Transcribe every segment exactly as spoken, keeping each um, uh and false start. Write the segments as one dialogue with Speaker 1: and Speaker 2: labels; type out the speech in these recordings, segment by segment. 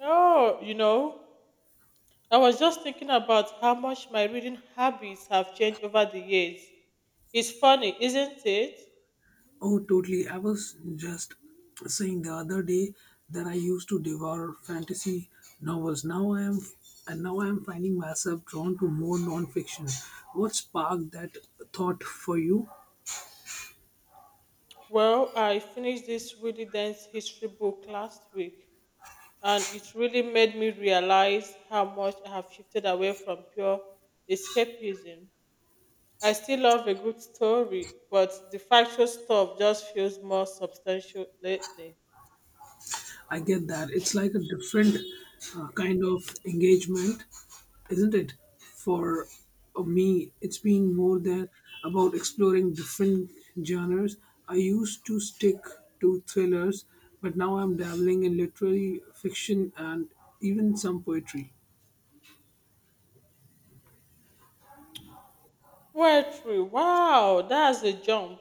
Speaker 1: Oh, you know, I was just thinking about how much my reading habits have changed over the years. It's funny, isn't it?
Speaker 2: Oh, totally. I was just saying the other day that I used to devour fantasy novels. Now I am, and now I am finding myself drawn to more non-fiction. What sparked that thought for you?
Speaker 1: Well, I finished this really dense history book last week, and it really made me realize how much I have shifted away from pure escapism. I still love a good story, but the factual stuff just feels more substantial lately.
Speaker 2: I get that it's like a different uh, kind of engagement, isn't it? For uh, me, it's been more than about exploring different genres. I used to stick to thrillers, but now I'm dabbling in literary fiction and even some poetry.
Speaker 1: Poetry, wow, that's a jump.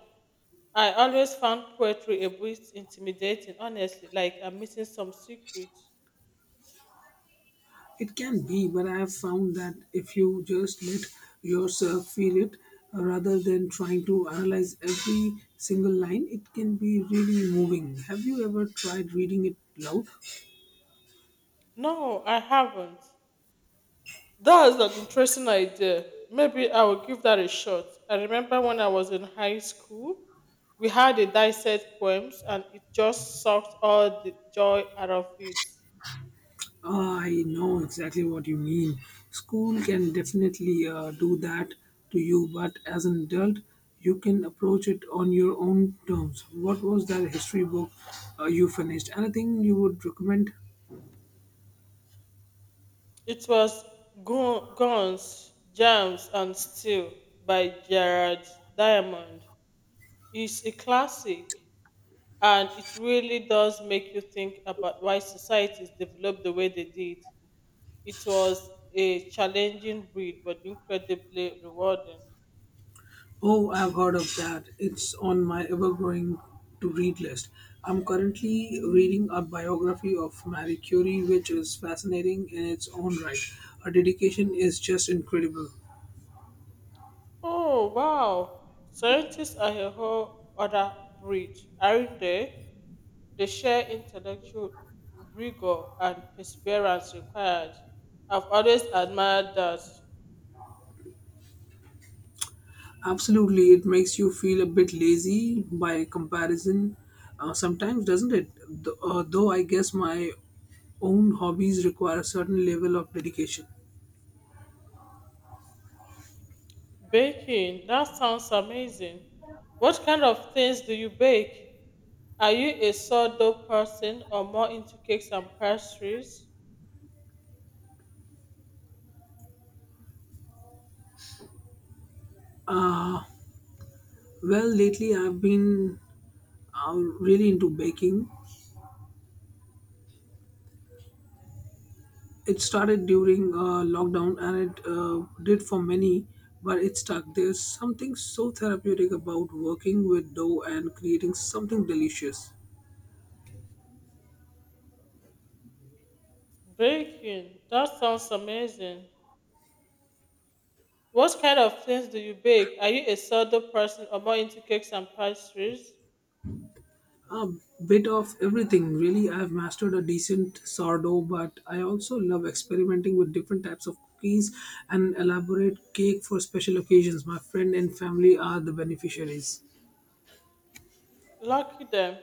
Speaker 1: I always found poetry a bit intimidating, honestly, like I'm missing some secret.
Speaker 2: It can be, but I have found that if you just let yourself feel it uh, rather than trying to analyze every single line, it can be really moving. Have you ever tried reading it loud?
Speaker 1: No, I haven't. That's an interesting idea. Maybe I will give that a shot. I remember when I was in high school, we had a dissect poems and it just sucked all the joy out of it.
Speaker 2: I know exactly what you mean. School can definitely uh, do that to you, but as an adult, you can approach it on your own terms. What was that history book uh, you finished? Anything you would recommend?
Speaker 1: It was Gu- Guns, Jams, and Steel by Gerard Diamond. It's a classic. And it really does make you think about why societies developed the way they did. It was a challenging breed, but incredibly rewarding.
Speaker 2: Oh, I've heard of that. It's on my ever growing to read list. I'm currently reading a biography of Marie Curie, which is fascinating in its own right. Her dedication is just incredible.
Speaker 1: Oh, wow. Scientists are a whole other breed, aren't they? They share intellectual rigor and perseverance required. I've always admired that.
Speaker 2: Absolutely, it makes you feel a bit lazy by comparison uh, sometimes, doesn't it? Th- uh, though I guess my own hobbies require a certain level of dedication.
Speaker 1: Baking, that sounds amazing. What kind of things do you bake? Are you a sourdough person or more into cakes and pastries?
Speaker 2: Uh, well, lately I've been uh, really into baking. It started during uh, lockdown and it uh, did for many, but it stuck. There's something so therapeutic about working with dough and creating something delicious.
Speaker 1: Baking. That sounds amazing. What kind of things do you bake? Are you a sourdough person or more into cakes and pastries?
Speaker 2: A bit of everything, really. I've mastered a decent sourdough, but I also love experimenting with different types of cookies and elaborate cake for special occasions. My friend and family are the beneficiaries.
Speaker 1: Lucky them.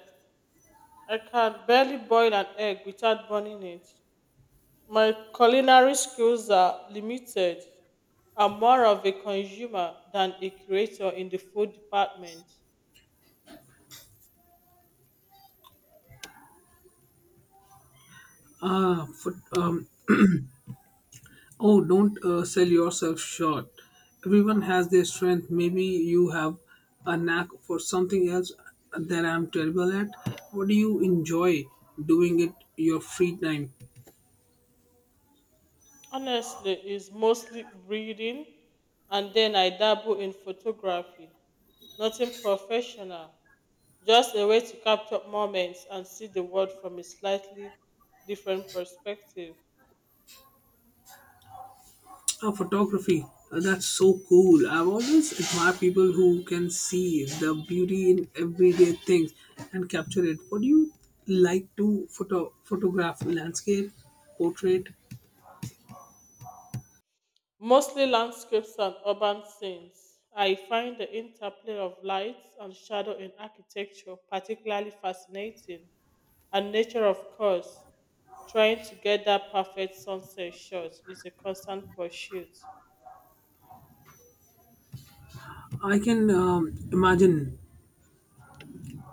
Speaker 1: I can barely boil an egg without burning it. My culinary skills are limited. I'm more of a consumer than a creator in the food department.
Speaker 2: Ah, for, um, oh, don't uh, sell yourself short. Everyone has their strength. Maybe you have a knack for something else that I'm terrible at. What do you enjoy doing it your free time?
Speaker 1: Honestly, it's mostly reading and then I dabble in photography. Nothing professional, just a way to capture moments and see the world from a slightly different perspective.
Speaker 2: Oh, photography. Uh, That's so cool. I've always admired people who can see the beauty in everyday things and capture it. What do you like to photo photograph? Landscape, portrait.
Speaker 1: Mostly landscapes and urban scenes. I find the interplay of light and shadow in architecture particularly fascinating, and nature, of course. Trying to get that perfect sunset shot is a constant pursuit.
Speaker 2: I can um, imagine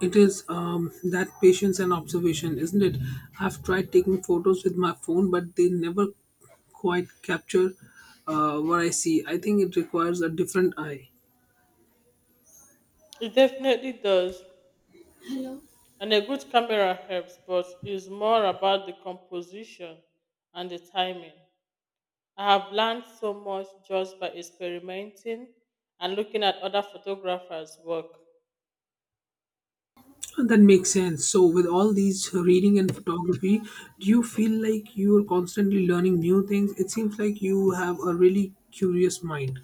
Speaker 2: it is um, that patience and observation, isn't it? I've tried taking photos with my phone, but they never quite capture uh, what I see. I think it requires a different eye.
Speaker 1: It definitely does. And a good camera helps, but it's more about the composition and the timing. I have learned so much just by experimenting and looking at other photographers' work.
Speaker 2: That makes sense. So, with all these reading and photography, do you feel like you are constantly learning new things? It seems like you have a really curious mind.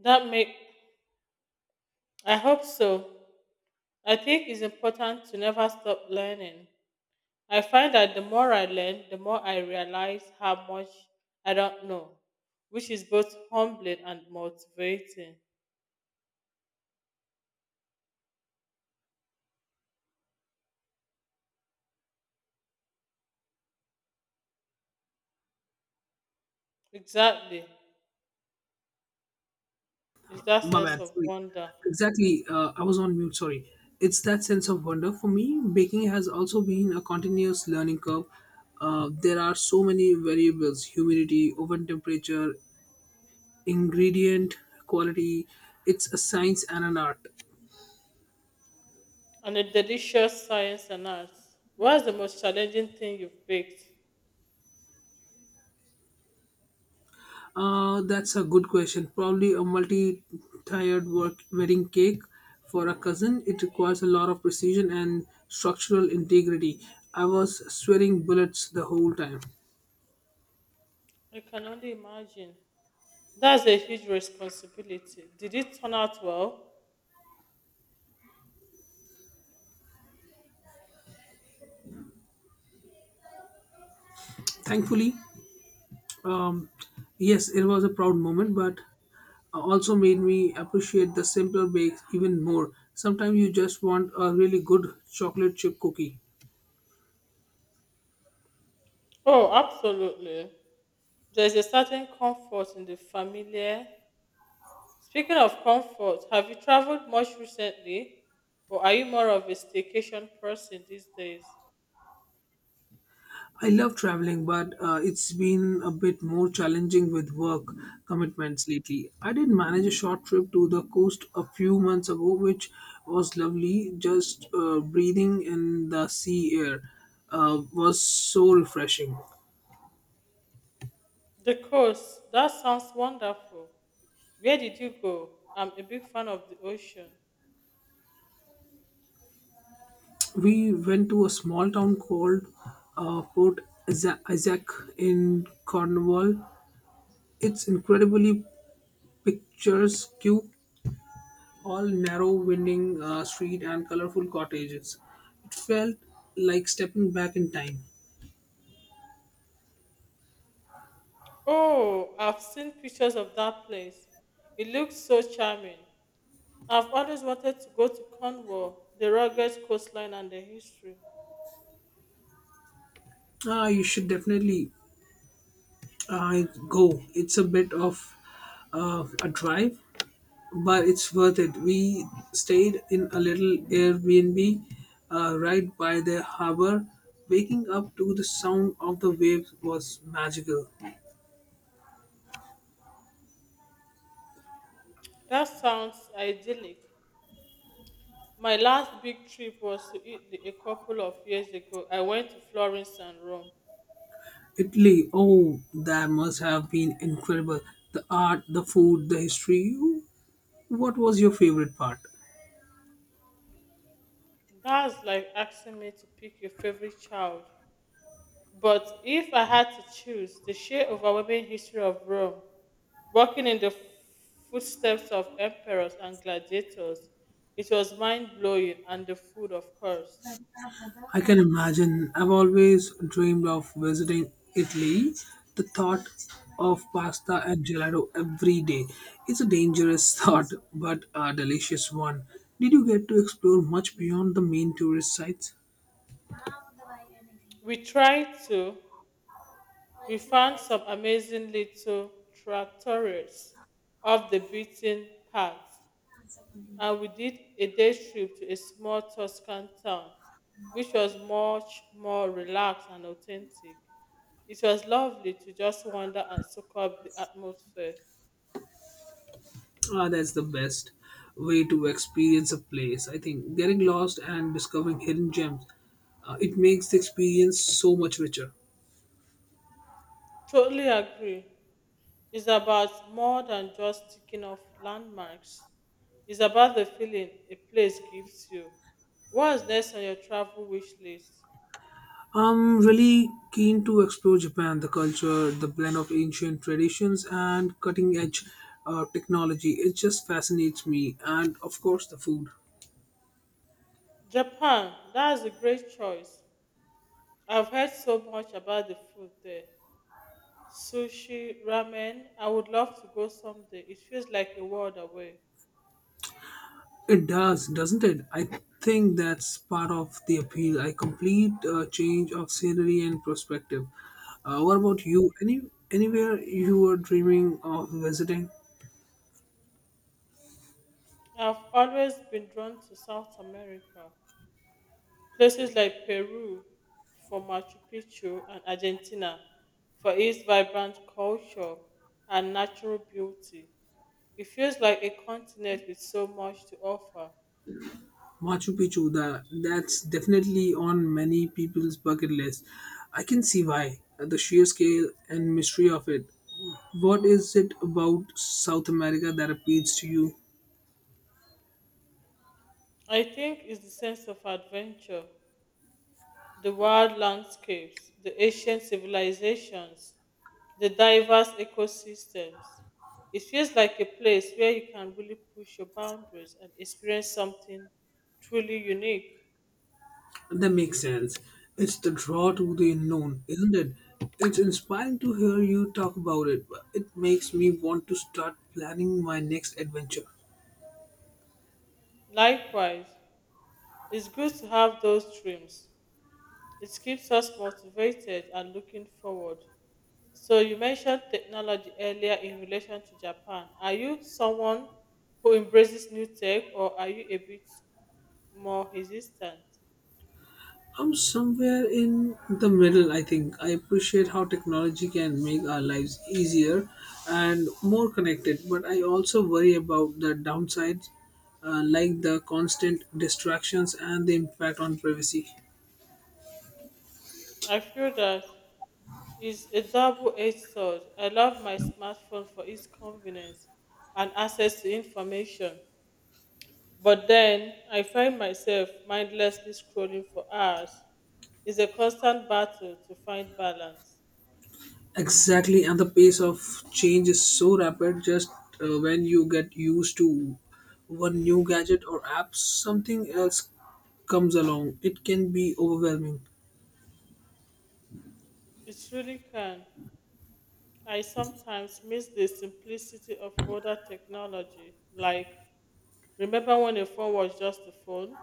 Speaker 1: That make I hope so. I think it's important to never stop learning. I find that the more I learn, the more I realize how much I don't know, which is both humbling and motivating. Exactly. It's that
Speaker 2: My
Speaker 1: sense
Speaker 2: bad.
Speaker 1: of
Speaker 2: Sorry.
Speaker 1: wonder.
Speaker 2: Exactly. Uh, I was on mute. Sorry. It's that sense of wonder. For me, baking has also been a continuous learning curve. Uh, there are so many variables humidity, oven temperature, ingredient quality. It's a science and an art.
Speaker 1: On a delicious science and arts. What's the most challenging thing you've baked?
Speaker 2: Uh, that's a good question. Probably a multi-tiered work wedding cake for a cousin. It requires a lot of precision and structural integrity. I was sweating bullets the whole time.
Speaker 1: I can only imagine. That's a huge responsibility. Did it turn out well?
Speaker 2: Thankfully, um, yes, it was a proud moment, but also made me appreciate the simpler bakes even more. Sometimes you just want a really good chocolate chip cookie.
Speaker 1: Oh, absolutely. There's a certain comfort in the familiar. Speaking of comfort, have you traveled much recently? Or are you more of a staycation person these days?
Speaker 2: I love traveling, but uh, it's been a bit more challenging with work commitments lately. I did manage a short trip to the coast a few months ago, which was lovely. Just uh, breathing in the sea air uh, was so refreshing.
Speaker 1: The coast. That sounds wonderful. Where did you go? I'm a big fan of the ocean.
Speaker 2: We went to a small town called uh, Port Isa- Isaac in Cornwall. It's incredibly picturesque all narrow, winding uh, street and colorful cottages. It felt like stepping back in time.
Speaker 1: Oh, I've seen pictures of that place. It looks so charming. I've always wanted to go to Cornwall, the rugged coastline and the history.
Speaker 2: Ah, you should definitely uh, go. It's a bit of uh, a drive, but it's worth it. We stayed in a little Airbnb uh, right by the harbor. Waking up to the sound of the waves was magical.
Speaker 1: That sounds idyllic. My last big trip was to Italy a couple of years ago. I went to Florence and Rome.
Speaker 2: Italy, oh, that must have been incredible. The art, the food, the history. What was your favorite part?
Speaker 1: That's like asking me to pick your favorite child. But if I had to choose the sheer overwhelming history of Rome, walking in the footsteps of emperors and gladiators, it was mind blowing and the food, of course.
Speaker 2: I can imagine. I've always dreamed of visiting Italy. The thought of pasta and gelato every day. It's a dangerous thought, but a delicious one. Did you get to explore much beyond the main tourist sites?
Speaker 1: We tried to, we found some amazing little trattorias off the beaten path and we did a day trip to a small Tuscan town, which was much more relaxed and authentic. It was lovely to just wander and soak up the atmosphere.
Speaker 2: Ah, that's the best way to experience a place. I think getting lost and discovering hidden gems, uh, it makes the experience so much richer.
Speaker 1: Totally agree. It's about more than just ticking off landmarks. It's about the feeling a place gives you. What's next on your travel wish list?
Speaker 2: I'm really keen to explore Japan, the culture, the blend of ancient traditions and cutting edge uh, technology. It just fascinates me. And of course, the food.
Speaker 1: Japan, that's a great choice. I've heard so much about the food there. Sushi, ramen, I would love to go someday. It feels like a world away.
Speaker 2: It does, doesn't it? I think that's part of the appeal. A complete uh, change of scenery and perspective. Uh, what about you? Any anywhere you were dreaming of visiting?
Speaker 1: I've always been drawn to South America, places like Peru for Machu Picchu and Argentina for its vibrant culture and natural beauty. It feels like a continent with so much to offer.
Speaker 2: Machu Picchu, that that's definitely on many people's bucket list. I can see why. The sheer scale and mystery of it. What is it about South America that appeals to you?
Speaker 1: I think it's the sense of adventure, the wild landscapes, the ancient civilizations, the diverse ecosystems. It feels like a place where you can really push your boundaries and experience something truly unique.
Speaker 2: That makes sense. It's the draw to the unknown, isn't it? It's inspiring to hear you talk about it. It makes me want to start planning my next adventure.
Speaker 1: Likewise, it's good to have those dreams. It keeps us motivated and looking forward. So, you mentioned technology earlier in relation to Japan. Are you someone who embraces new tech or are you a bit more hesitant?
Speaker 2: I'm somewhere in the middle, I think. I appreciate how technology can make our lives easier and more connected, but I also worry about the downsides, uh, like the constant distractions and the impact on privacy.
Speaker 1: I feel that it's a double-edged sword. I love my smartphone for its convenience and access to information, but then I find myself mindlessly scrolling for hours. It's a constant battle to find balance.
Speaker 2: Exactly, and the pace of change is so rapid. Just uh, when you get used to one new gadget or app, something else comes along. It can be overwhelming.
Speaker 1: It truly can. I sometimes miss the simplicity of older technology. Like, remember when a phone was just a phone?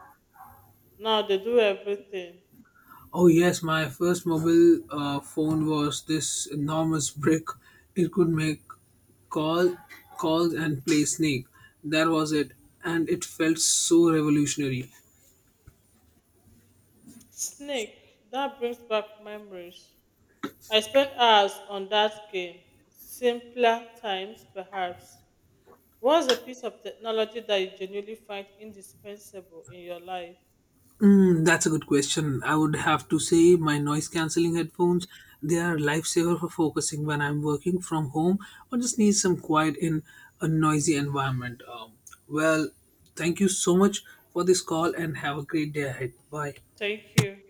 Speaker 1: Now they do everything.
Speaker 2: Oh yes, my first mobile uh, phone was this enormous brick. It could make call calls and play Snake. That was it, and it felt so revolutionary.
Speaker 1: Snake, that brings back memories. I spent hours on that game. Simpler times, perhaps. What's a piece of technology that you genuinely find indispensable in your life?
Speaker 2: Hmm, that's a good question. I would have to say my noise cancelling headphones. They are a lifesaver for focusing when I'm working from home or just need some quiet in a noisy environment. Um, well, thank you so much for this call and have a great day ahead. Bye.
Speaker 1: Thank you.